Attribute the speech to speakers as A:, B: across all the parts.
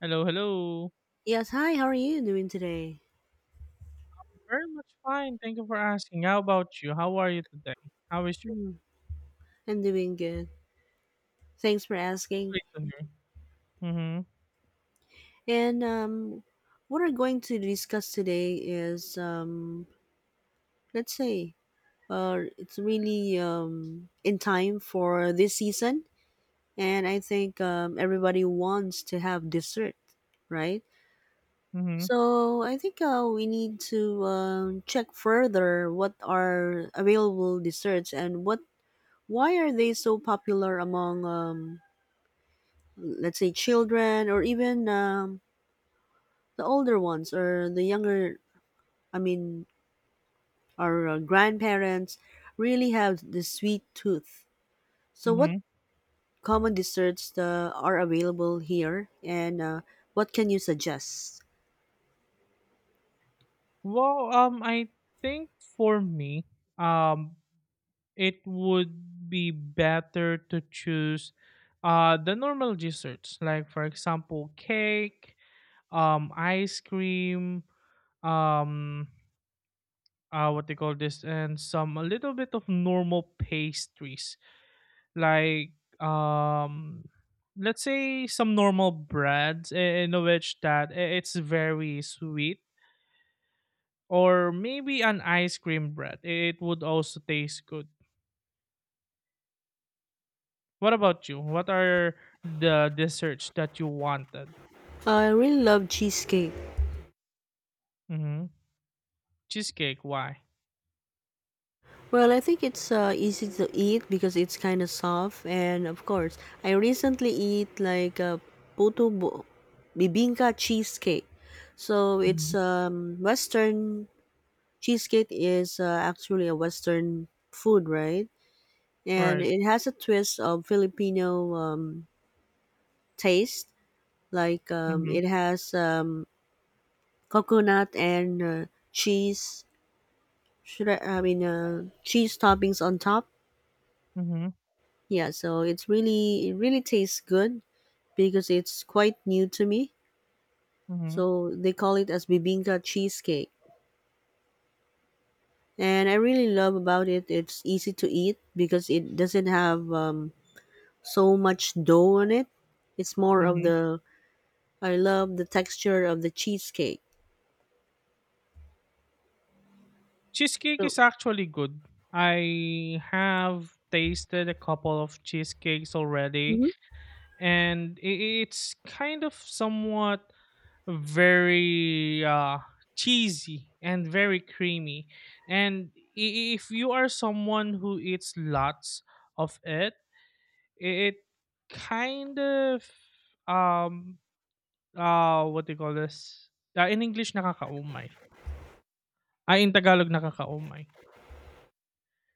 A: Hello, hello.
B: Yes, hi, how are you doing today?
A: Very much fine. Thank you for asking. How about you? How are you today? How is your?
B: I'm doing good. Thanks for
A: That's
B: asking.
A: great to hear. Mm-hmm.
B: And What we're going to discuss today is, let's say, it's really in time for this season. And I think everybody wants to have dessert, right?
A: Mm-hmm.
B: So I think we need to check further what are available desserts and what why are they so popular among let's say children or even the older ones or the younger. I mean our grandparents really have the sweet tooth. So
A: Mm-hmm.
B: what common desserts are available here, and what can you suggest?
A: Well, I think for me, um, it would be better to choose, the normal desserts, like for example, cake, ice cream, um, what they call this, and some a little bit of normal pastries like um let's say some normal breads in which that it's very sweet, or maybe an ice cream bread it would also taste good. What about you? What are the desserts that you wanted?
B: I really love cheesecake.
A: Mm-hmm. Cheesecake, why?
B: Well, I think it's easy to eat because it's kind of soft, and of course, I recently eat like a puto bo- bibingka cheesecake. So it's
A: Mhm.
B: Western. Cheesecake is actually a Western food, right? And
A: Right.
B: it has a twist of Filipino taste. Like
A: Mm-hmm.
B: it has coconut and cheese. I mean cheese toppings on top?
A: Mm-hmm.
B: Yeah, so it's really it really tastes good because it's quite new to me.
A: Mm-hmm.
B: So they call it as bibinka cheesecake, and I really love about it. It's easy to eat because it doesn't have so much dough on it. It's more of
A: Mm-hmm.
B: the I love the texture of the cheesecake.
A: Cheesecake
B: So,
A: is actually good. I have tasted a couple of cheesecakes already,
B: mhm,
A: and it's kind of somewhat very cheesy and very creamy. And if you are someone who eats lots of it, it kind of um what do you call this? In English, nakakaumay. Ay, in Tagalog, nakakaumay.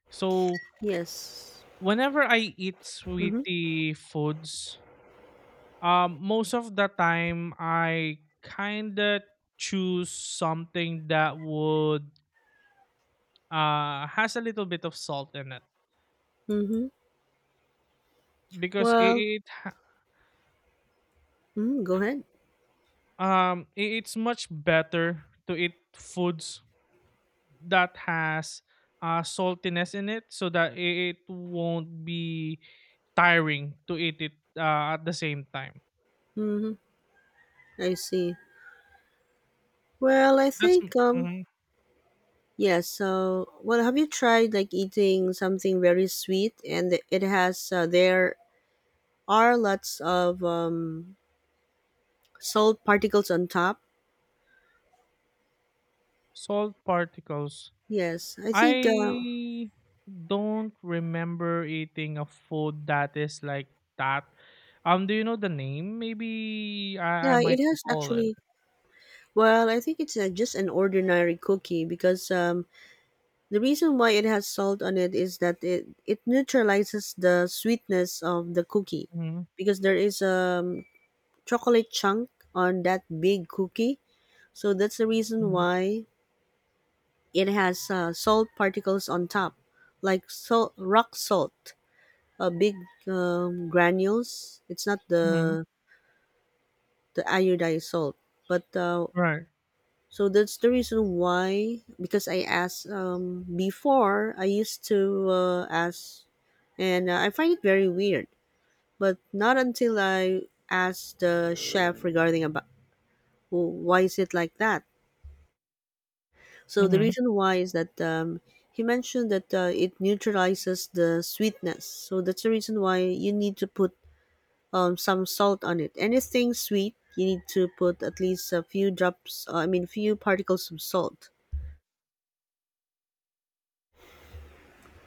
A: So
B: yes.
A: whenever I eat
B: Mhm.
A: sweetie foods, most of the time, I kinda choose something that would has a little bit of salt in it,
B: Mhm.
A: because
B: Well, mhm, go ahead.
A: it's much better to eat foods that has saltiness in it so that it won't be tiring to eat it at the same time.
B: Mhm. I see. Well, I
A: That's
B: think
A: mm,
B: yes. So, well, have you tried like eating something very sweet and it has there are lots of salt particles on top?
A: salt particles.
B: Yes. I think
A: I don't remember eating a food that is like that. Do you know the name? Maybe I
B: yeah, it
A: might
B: has
A: recall it.
B: actually. Well, I think it's just an ordinary cookie because the reason why it has salt on it is that it neutralizes the sweetness of the cookie
A: Hmm.
B: because there is a um, chocolate chunk on that big cookie. So that's the reason
A: Hmm.
B: why it has salt particles on top, like salt, rock salt, big granules. It's not
A: Hmm.
B: the, the iodized salt, but
A: Right.
B: so that's the reason why, because I asked before, I used to ask, and I find it very weird. But not until I asked the chef regarding about, "Oh, why is it like that?" So the
A: Hmm.
B: reason why is that he mentioned that it neutralizes the sweetness. So that's the reason why you need to put some salt on it. Anything sweet, you need to put at least a few drops. I mean, few particles of salt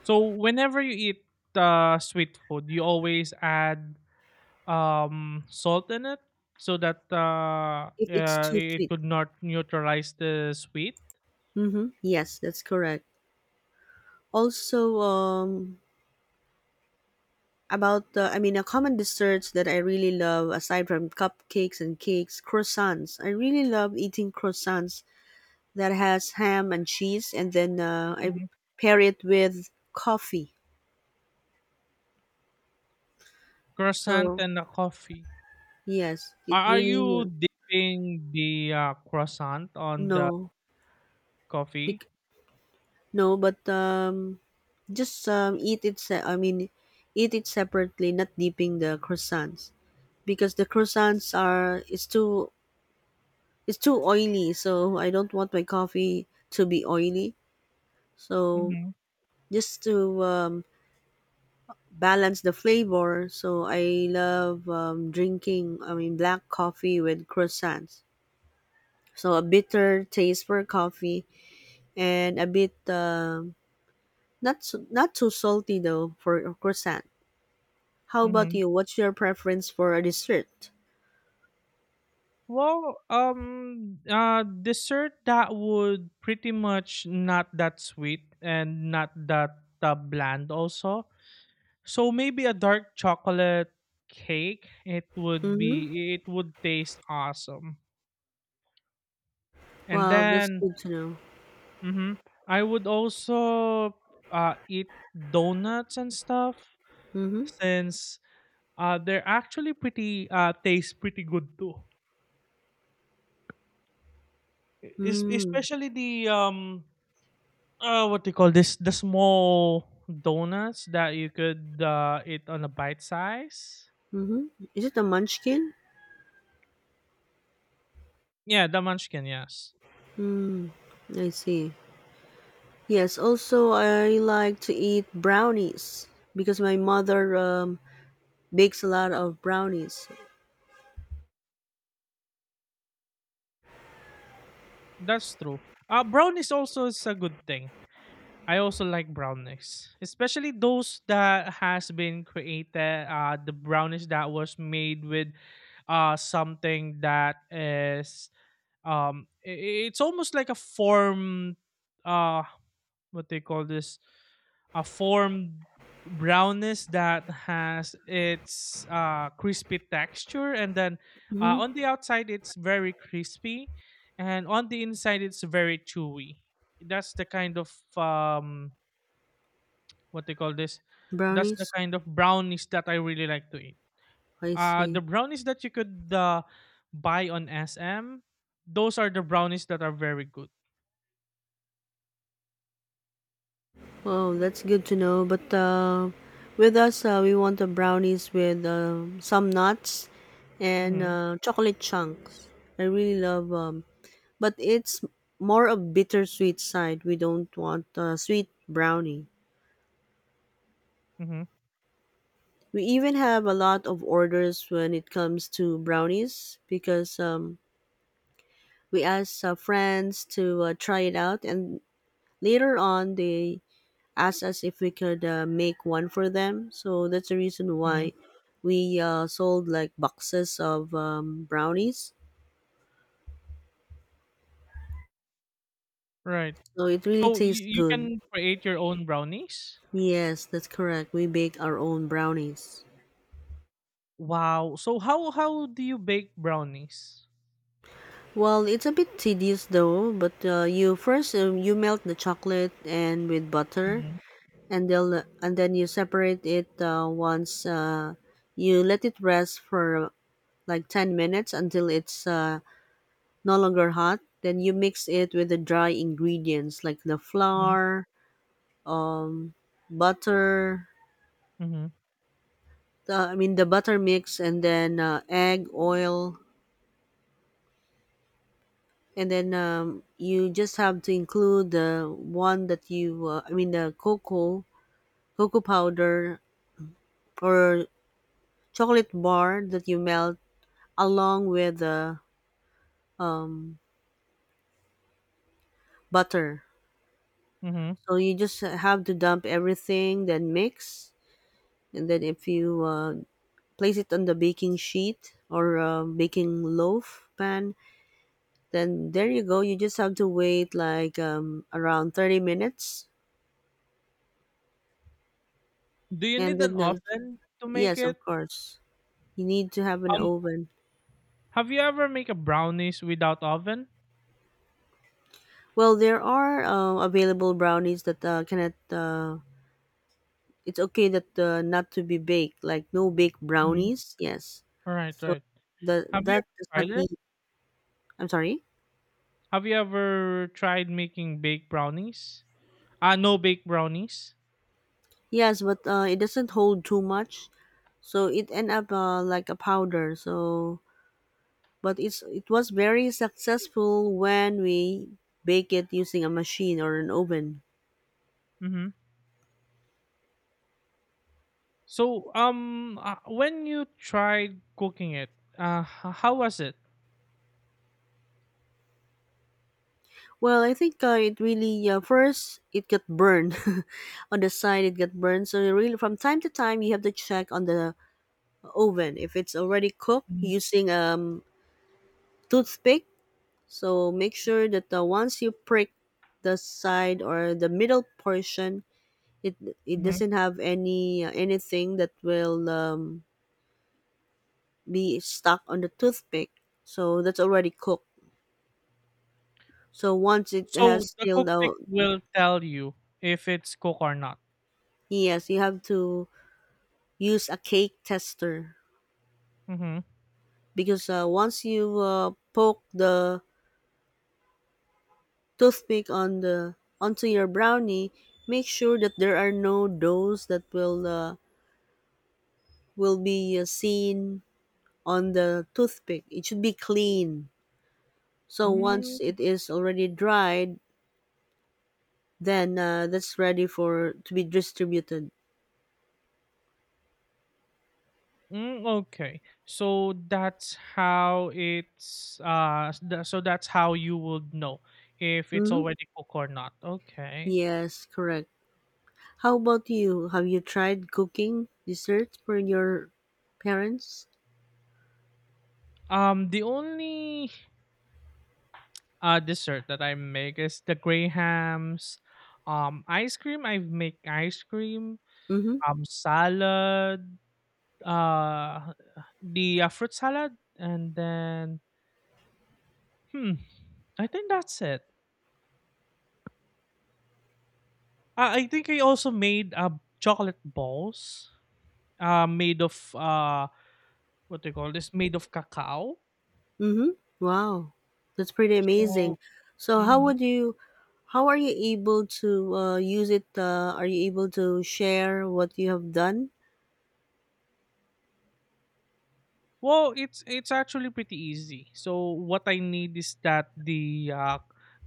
A: So whenever you eat sweet food, you always add salt in it so that
B: if it's too
A: it
B: sweet.
A: could not neutralize the sweet.
B: Mm-hmm. Yes, that's correct. Also, about the, I mean, a common desserts that I really love, aside from cupcakes and cakes, croissants. I really love eating croissants that has ham and cheese, and then I
A: Mhm.
B: pair it with coffee.
A: Croissant
B: So
A: and a coffee.
B: yes, it
A: Are
B: really
A: you dipping the croissant on the
B: no,
A: coffee?
B: bec- no, but just eat it. I mean, eat it separately, not dipping the croissants because the croissants are it's too oily, so I don't want my coffee to be oily. So
A: Mhm,
B: just to balance the flavor, so I love drinking, I mean, black coffee with croissants. So a bitter taste for coffee and a bit not so, not too salty though for a croissant. How about
A: mhm.
B: you? What's your preference for a dessert?
A: Well, dessert that would pretty much not that sweet and not that bland also. So maybe a dark chocolate cake. It would
B: Mm-hmm.
A: be. It would taste awesome. And
B: Wow, that's
A: then,
B: good to know.
A: mhm, I would also eat donuts and stuff
B: Mm-hmm.
A: since they're actually pretty taste pretty good too.
B: Mm-hmm.
A: Especially the what do you call this, the small donuts that you could eat on a bite size.
B: Mm-hmm. Is it a munchkin?
A: Yeah, the munchkin, yes.
B: Mm, I see. Yes, also I like to eat brownies because my mother bakes a lot of brownies.
A: That's true. Brownies also is a good thing. I also like brownies, especially those that has been created, the brownies that was made with something that is it's almost like a form, uh what they call this, a formed brownness that has its crispy texture, and then uh,
B: Hmm.
A: on the outside it's very crispy, and on the inside it's very chewy. That's the kind of um, what they call this, that's the
B: Brownies?
A: kind of brownies that I really like to eat.
B: I
A: uh,
B: see.
A: the brownies that you could buy on SM, those are the brownies that are very good.
B: Oh, that's good to know. But with us, we want the brownies with some nuts and
A: Mm-hmm.
B: chocolate chunks. I really love but it's more of bittersweet side. We don't want sweet brownie.
A: Mm-hmm.
B: We even have a lot of orders when it comes to brownies because we asked friends to try it out, and later on, they asked us if we could make one for them. So that's the reason
A: Mm-hmm.
B: why we sold like boxes of brownies.
A: Right.
B: So it really
A: So you,
B: tastes
A: you
B: good.
A: can create your own brownies?
B: Yes, that's correct. We bake our own brownies.
A: Wow. So how do you bake brownies?
B: Well, it's a bit tedious though, but you first you melt the chocolate and with butter,
A: Mhm,
B: and then you separate it once you let it rest for like 10 minutes until it's no longer hot. Then you mix it with the dry ingredients like the
A: mhm,
B: flour, um, butter,
A: mhm,
B: the, I mean, the butter mix, and then egg, oil, and then you just have to include the one that you, I mean the cocoa, cocoa powder or chocolate bar that you melt along with the um, butter.
A: mhm.
B: So you just have to dump everything, then mix, and then if you place it on the baking sheet or baking loaf pan, then there you go. You just have to wait like around 30 minutes,
A: Do you
B: and
A: need an
B: then
A: oven to make
B: yes,
A: it?
B: of course, you need to have an
A: Um,
B: oven.
A: have you ever make a brownies without oven?
B: Well, there are available brownies that cannot it's okay that not to be baked, like no baked
A: Mhm.
B: brownies, yes.
A: All right,
B: So
A: right.
B: the
A: Have you
B: that does
A: ever
B: not
A: tried it?
B: need I'm sorry.
A: Have you ever tried making baked brownies? Ah, no baked brownies.
B: Yes, but it doesn't hold too much, so it end up like a powder. So but it was very successful when we bake it using a machine or an oven.
A: Mm-hmm. So when you tried cooking it, how was it?
B: Well, I think it really first it got burned on the side, it got burned. So you really from time to time you have to check on the oven if it's already cooked
A: Mm-hmm.
B: using toothpick. So make sure that once you prick the side or the middle portion, It it doesn't have any anything that will be stuck on the toothpick, so that's already cooked. So once it
A: So
B: has
A: the
B: still
A: cookpick
B: out,
A: will tell you if it's cook or not.
B: yes, you have to use a cake tester
A: Mhm.
B: because once you poke the toothpick on the onto your brownie, make sure that there are no doughs that will be seen on the toothpick. It should be clean. So once
A: Mm,
B: it is already dried, then that's ready for to be distributed.
A: mm, okay. So that's how you would know if it's
B: Hmm.
A: already cooked or not. Okay.
B: Yes, correct. How about you? Have you tried cooking desserts for your parents?
A: The only dessert that I make is the grey ice cream. I make ice cream,
B: Mm-hmm.
A: salad, uh the fruit salad, and then hmm I think that's it. I think I also made chocolate balls, made of what they call this, made of cacao.
B: Mm-hmm. Wow, that's pretty
A: So.
B: amazing. So how
A: Mhm.
B: would you? How are you able to use it? Are you able to share what you have done?
A: Well, it's actually pretty easy. So what I need is that the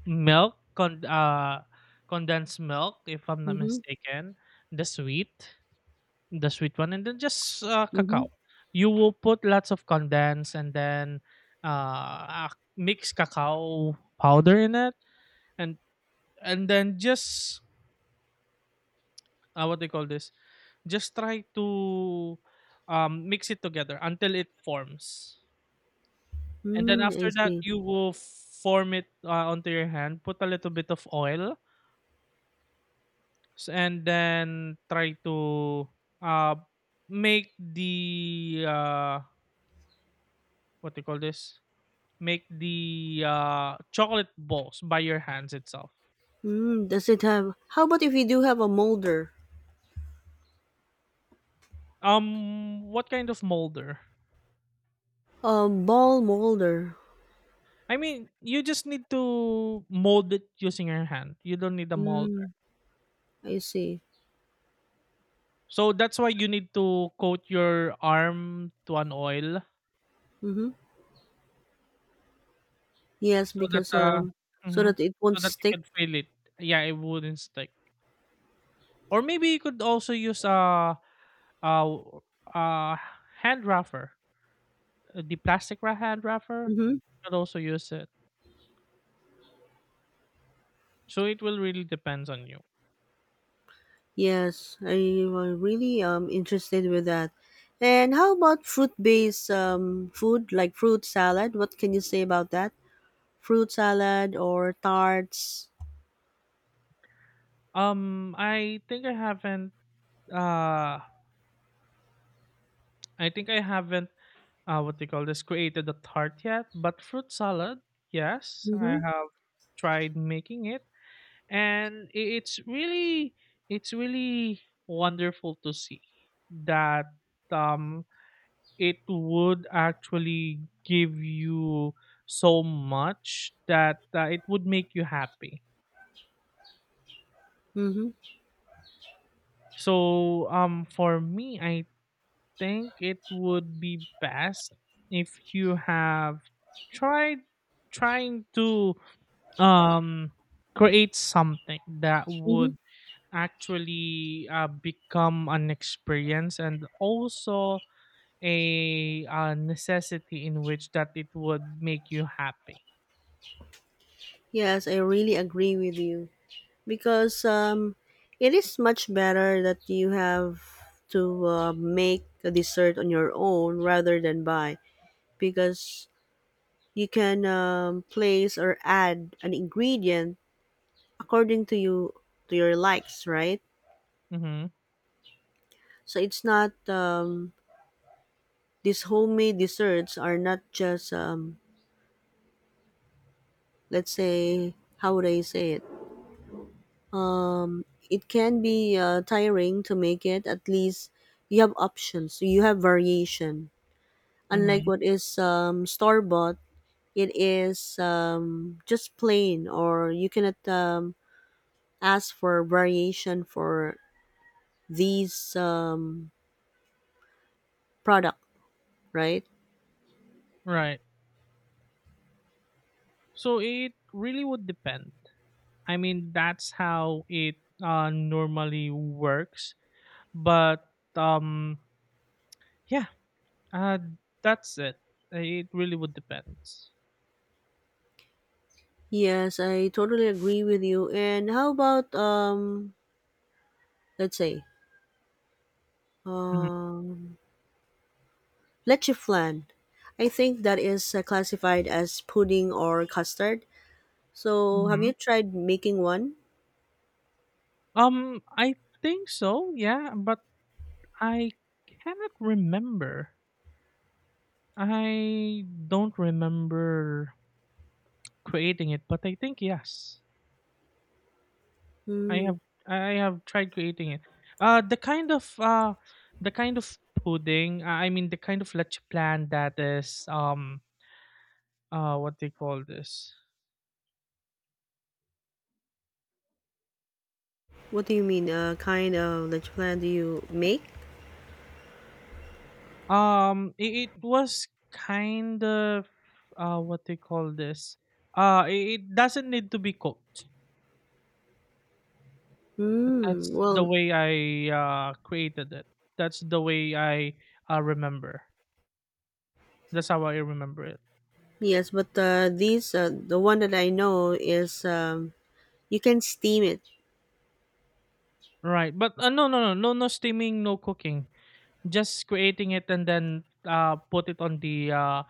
A: milk con- uh, condensed milk, if I'm not
B: Mm-hmm.
A: mistaken, the sweet, the sweet one, and then just
B: Mm-hmm.
A: cacao. You will put lots of condensed, and then uh, uh, mix cacao powder in it, and and then just what they call this, just try to mix it together until it forms. And then
B: Mm, I
A: after that,
B: see.
A: you will form it onto your hand, put a little bit of oil, and then try to uh, make the what they call this, make the chocolate balls by your hands itself.
B: Mm, does it have? How about if you do have a molder,
A: What kind of molder?
B: a ball molder?
A: I mean, you just need to mold it using your hand. You don't need a molder.
B: Mm, I see.
A: So that's why you need to coat your arm to an oil
B: Mhm. Yes,
A: so that
B: because
A: uh
B: so
A: mhm,
B: that it won't
A: so that you
B: stick.
A: can feel it. Yeah, it wouldn't stick. Or maybe you could also use a, a hand rougher, the plastic hand rougher.
B: Mhm.
A: You could also use it. So it will really depends on you.
B: Yes, I am really interested with that. And how about fruit-based food like fruit salad? What can you say about that? Fruit salad or tarts?
A: I think I haven't. Uh, I think I haven't what they call this, created a tart yet, but fruit salad, yes, I
B: Mhm.
A: have tried making it, and it's really wonderful to see that um it would actually give you so much that it would make you happy.
B: Mhm.
A: So for me, I think it would be best if you have tried trying to um create something that
B: Mhm.
A: would actually become an experience and also a necessity in which that it would make you happy.
B: Yes, I really agree with you because it is much better that you have to make a dessert on your own rather than buy because you can place or add an ingredient according to you, to your likes, right?
A: Mm-hmm.
B: So it's not these homemade desserts are not just let's say, how would I say it? It can be tiring to make it. At least you have options. You have variation. Unlike
A: Mm-hmm.
B: what is store bought, it is just plain, or you cannot ask for variation for these product, right?
A: Right. So it really would depend. I mean, that's how it normally works, but yeah, uh, that's it. It really would depend.
B: Yes, I totally agree with you. And how about let's say,
A: Mm-hmm.
B: um, leche flan? I think that is classified as pudding or custard. So, have
A: Mm-hmm.
B: you tried making one?
A: I think so. Yeah, but I cannot remember. I don't remember creating it, but I think yes. I
B: Hmm.
A: have I have tried creating it. Uh the kind of uh the kind of pudding, I mean the kind of leche plan that is what they call this.
B: What do you mean? Kind of leche flan do you make?
A: It was kind of what they call this. It doesn't need to be cooked. But
B: Hmm.
A: that's the
B: Well,
A: way I created it. That's the way I remember. That's how I remember it.
B: yes, but these the one that I know is you can steam it.
A: Right, but, no, no, no, no, no steaming, no cooking. Just creating it, and then, put it on the,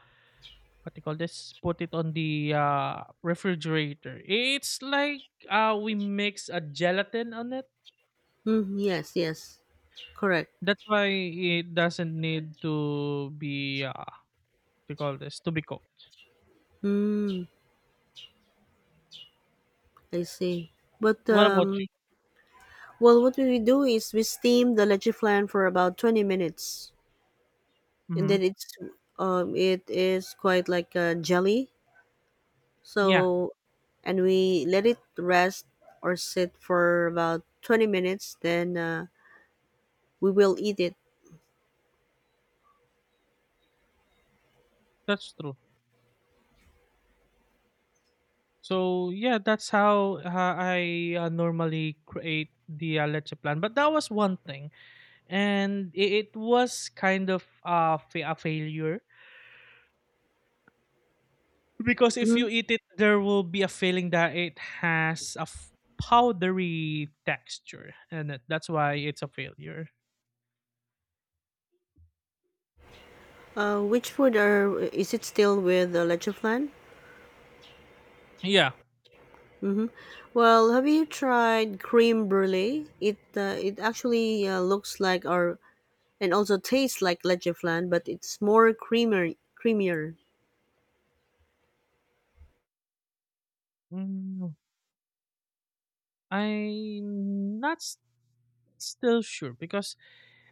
A: what do you call this? Put it on the, refrigerator. It's like, we mix a gelatin on it.
B: Hmm. Yes. Yes. Correct.
A: That's why it doesn't need to be, what do you call this? To be cooked.
B: Hmm. I see. But
A: What about you?
B: well, what we do is we steam the leche flan for about 20 minutes, and then
A: Mhm.
B: it's it is quite like a jelly.
A: Yeah,
B: So, and we let it rest or sit for about 20 minutes. Then we will eat it.
A: that's true. So yeah, that's how I normally create the leche plan. But that was one thing, and it was kind of a failure, because if
B: Hmm.
A: you eat it, there will be a feeling that it has a powdery texture, and that's why it's a failure.
B: Which food are is it still with the leche flan?
A: Yeah.
B: Mm-hmm. Well, have you tried cream brulee? It it actually looks like our and also tastes like Lecheflan, but it's more creamy, creamier.
A: Mm, I'm not s- still sure because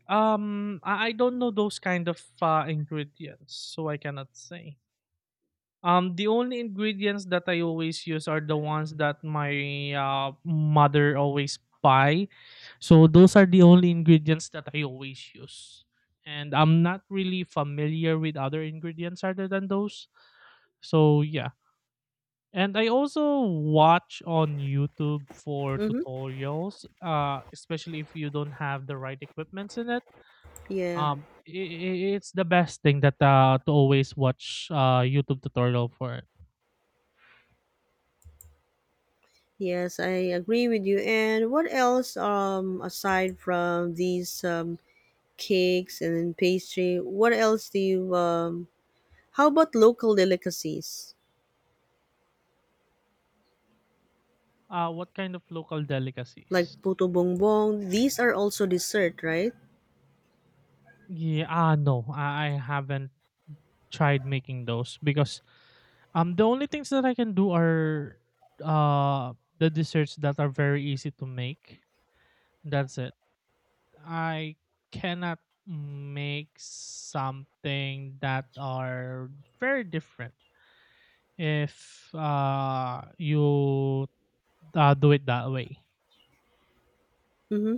A: I don't know those kind of ingredients, so I cannot say. The only ingredients that I always use are the ones that my mother always buy. So those are the only ingredients that I always use. And I'm not really familiar with other ingredients other than those. So yeah. And I also watch on YouTube for
B: Mm-hmm.
A: tutorials, especially if you don't have the right equipments in it.
B: Yeah.
A: I It's the best thing that to always watch YouTube tutorial for it.
B: Yes, I agree with you. And what else, aside from these cakes and then pastry, what else do you, how about local delicacies
A: What kind of local
B: like
A: delicacies?
B: puto bongbong? These are also dessert, right?
A: Yeah, ah, no, I haven't tried making those because the only things that I can do are the desserts that are very easy to make. That's it. I cannot make something that are very different if you do it that way.
B: Mm-hmm.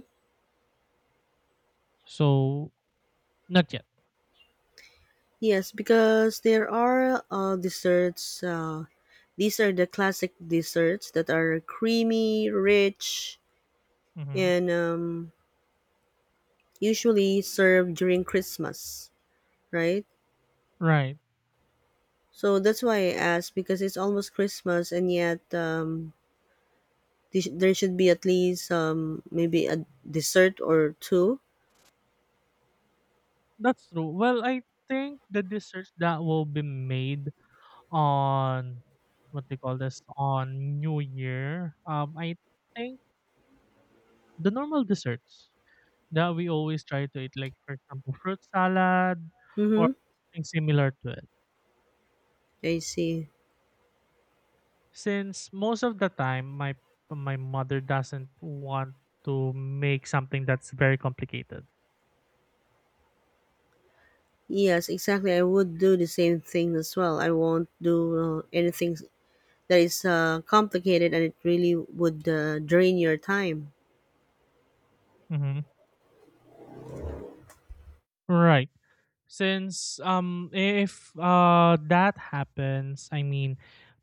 A: So not yet.
B: Yes, because there are desserts. These are the classic desserts that are creamy, rich,
A: Hmm.
B: and usually served during Christmas, right?
A: Right.
B: So that's why I asked because it's almost Christmas and yet there should be at least maybe a dessert or two.
A: That's true. Well, I think the desserts that will be made on, what they call this, on New Year. I think the normal desserts that we always try to eat, like, for example, fruit salad or
B: Mm-hmm.
A: something similar to it.
B: I see.
A: Since most of the time, my mother doesn't want to make something that's very complicated.
B: Yes, exactly. I would do the same thing as well. I won't do anything that is complicated and it really would drain your time.
A: Mhm. Right. Since if that happens, I mean,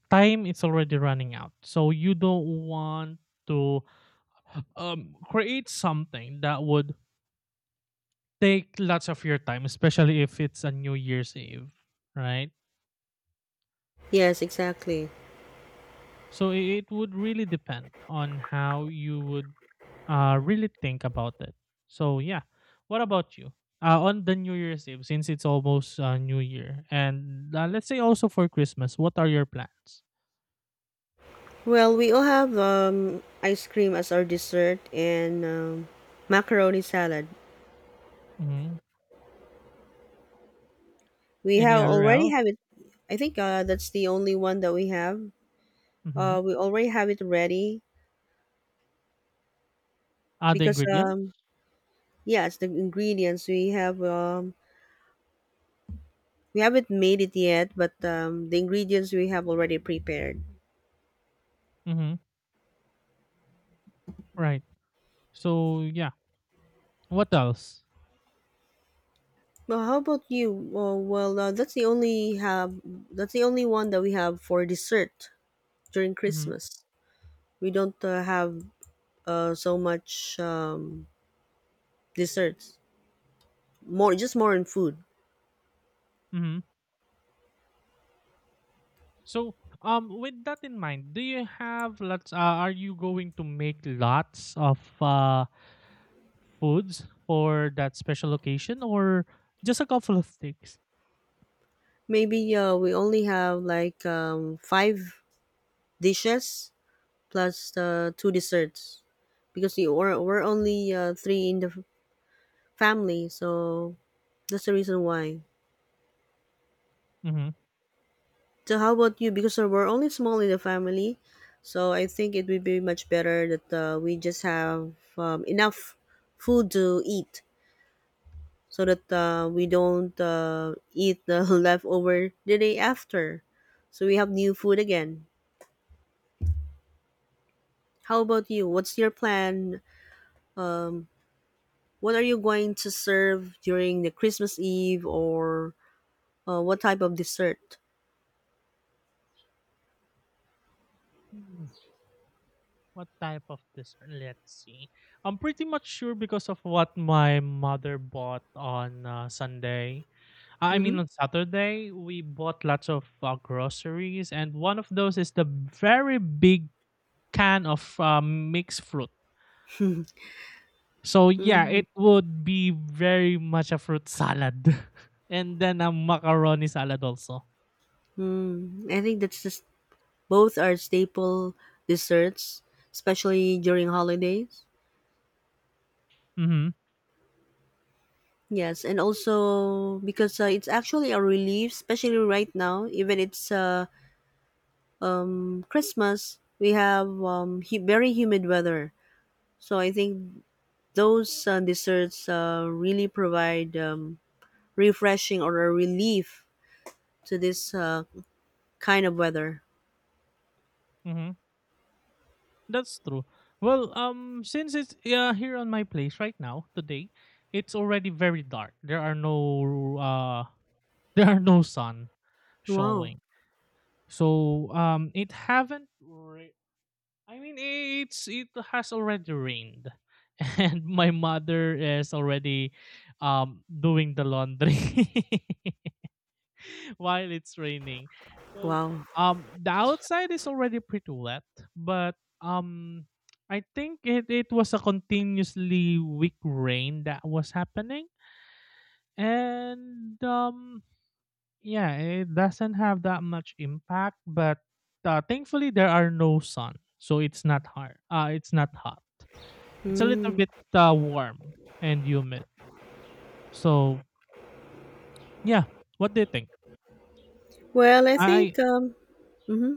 A: time is already running out. So you don't want to create something that would take lots of your time, especially if it's a New Year's Eve, right?
B: Yes, exactly.
A: So it would really depend on how you would really think about it. So yeah, what about you? On the New Year's Eve, since it's almost New Year, and let's say also for Christmas, what are your plans?
B: Well, we all have ice cream as our dessert and macaroni salad.
A: Hmm.
B: We have
A: Any other
B: already
A: else?
B: have it. I think that's the only one that we have.
A: Hmm.
B: We already have it ready
A: Other
B: because
A: ingredients?
B: yeah, it's the ingredients we have. We haven't made it yet, but the ingredients we have already prepared.
A: Hmm. Right. So yeah, what else?
B: Well, how about you? Well, uh, that's the only one that we have for dessert during
A: Hmm.
B: Christmas. We don't have so much desserts. More just more in food.
A: Hmm. So, with that in mind, do you have lots? Are you going to make lots of foods for that special occasion, or just a couple of things?
B: Maybe we only have like five dishes plus two desserts because we're only three in the family. So that's the reason why. So how about you? Because we're only small in the family. So I think it would be much better that we just have enough food to eat so that we don't eat the leftover the day after. So we have new food again. How about you? What's your plan? Um, What are you going to serve during the Christmas Eve or what type of dessert?
A: Mm-hmm. What type of dessert? Let's see. I'm pretty much sure because of what my mother bought on Sunday. I
B: Mm-hmm.
A: mean, on Saturday, we bought lots of groceries, and one of those is the very big can of mixed fruit. So, yeah, it would be very much a fruit salad, and then a macaroni salad also.
B: Mm-hmm. I think that's just both are staple desserts, especially during holidays.
A: Mm-hmm.
B: Yes, and also because it's actually a relief, especially right now. Even it's Christmas, we have very humid weather. So I think those desserts really provide refreshing or a relief to this kind of weather.
A: Mm-hmm. That's true. Well, since it's here on my place right now today, it's already very dark. There are no, there are no sun
B: Wow,
A: showing. So it haven't. I mean, it has already rained, and my mother is already doing the laundry. while it's raining. So
B: wow.
A: the outside is already pretty wet, but um I think it was a continuously weak rain that was happening. And yeah, it doesn't have that much impact, but thankfully there are no sun. So it's not hard. It's not hot. It's a little
B: Mm.
A: bit warm and humid. So yeah, what do you think?
B: Well, I
A: I
B: think, hmm,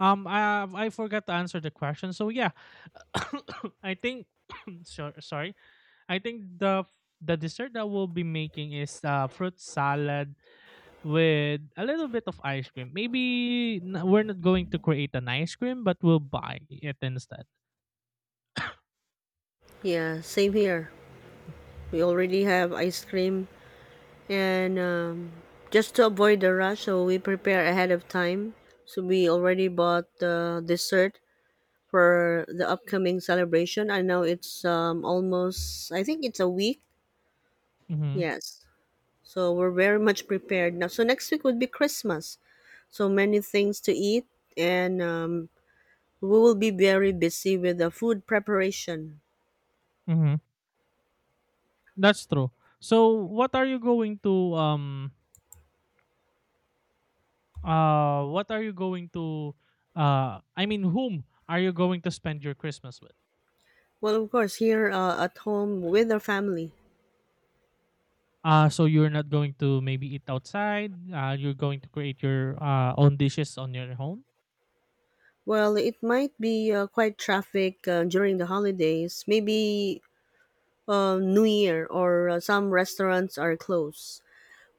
A: I forgot to answer the question. So yeah, I think so, sorry. I think the dessert that we'll be making is fruit salad with a little bit of ice cream. Maybe we're not going to create an ice cream, but we'll buy it instead.
B: yeah, same here. We already have ice cream, and just to avoid the rush, so we prepare ahead of time. So we already bought the dessert for the upcoming celebration. I know it's almost, I think it's a week.
A: Mhm,
B: Yes. So we're very much prepared now. So next week would be Christmas. So many things to eat and we will be very busy with the food preparation.
A: mhm. That's true. So what are you going to I mean, whom are you going to spend your Christmas with?
B: Well, of course, here at home with our family.
A: So you're not going to maybe eat outside. You're going to create your own dishes on your home.
B: Well, it might be quite traffic during the holidays, maybe New Year or some restaurants are closed.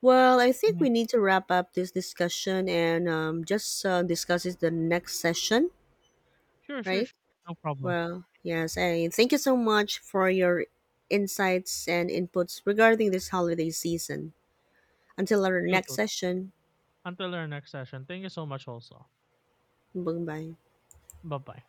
B: Well, I think
A: Mhm.
B: we need to wrap up this discussion and just discuss it the next session,
A: Sure, sure,
B: right?
A: sure. No problem.
B: Well, yes, I thank you so much for your insights and inputs regarding this holiday season. Until our
A: You
B: next
A: too.
B: session.
A: Until our next session. Thank you so much also.
B: Bambai
A: Bye-bye.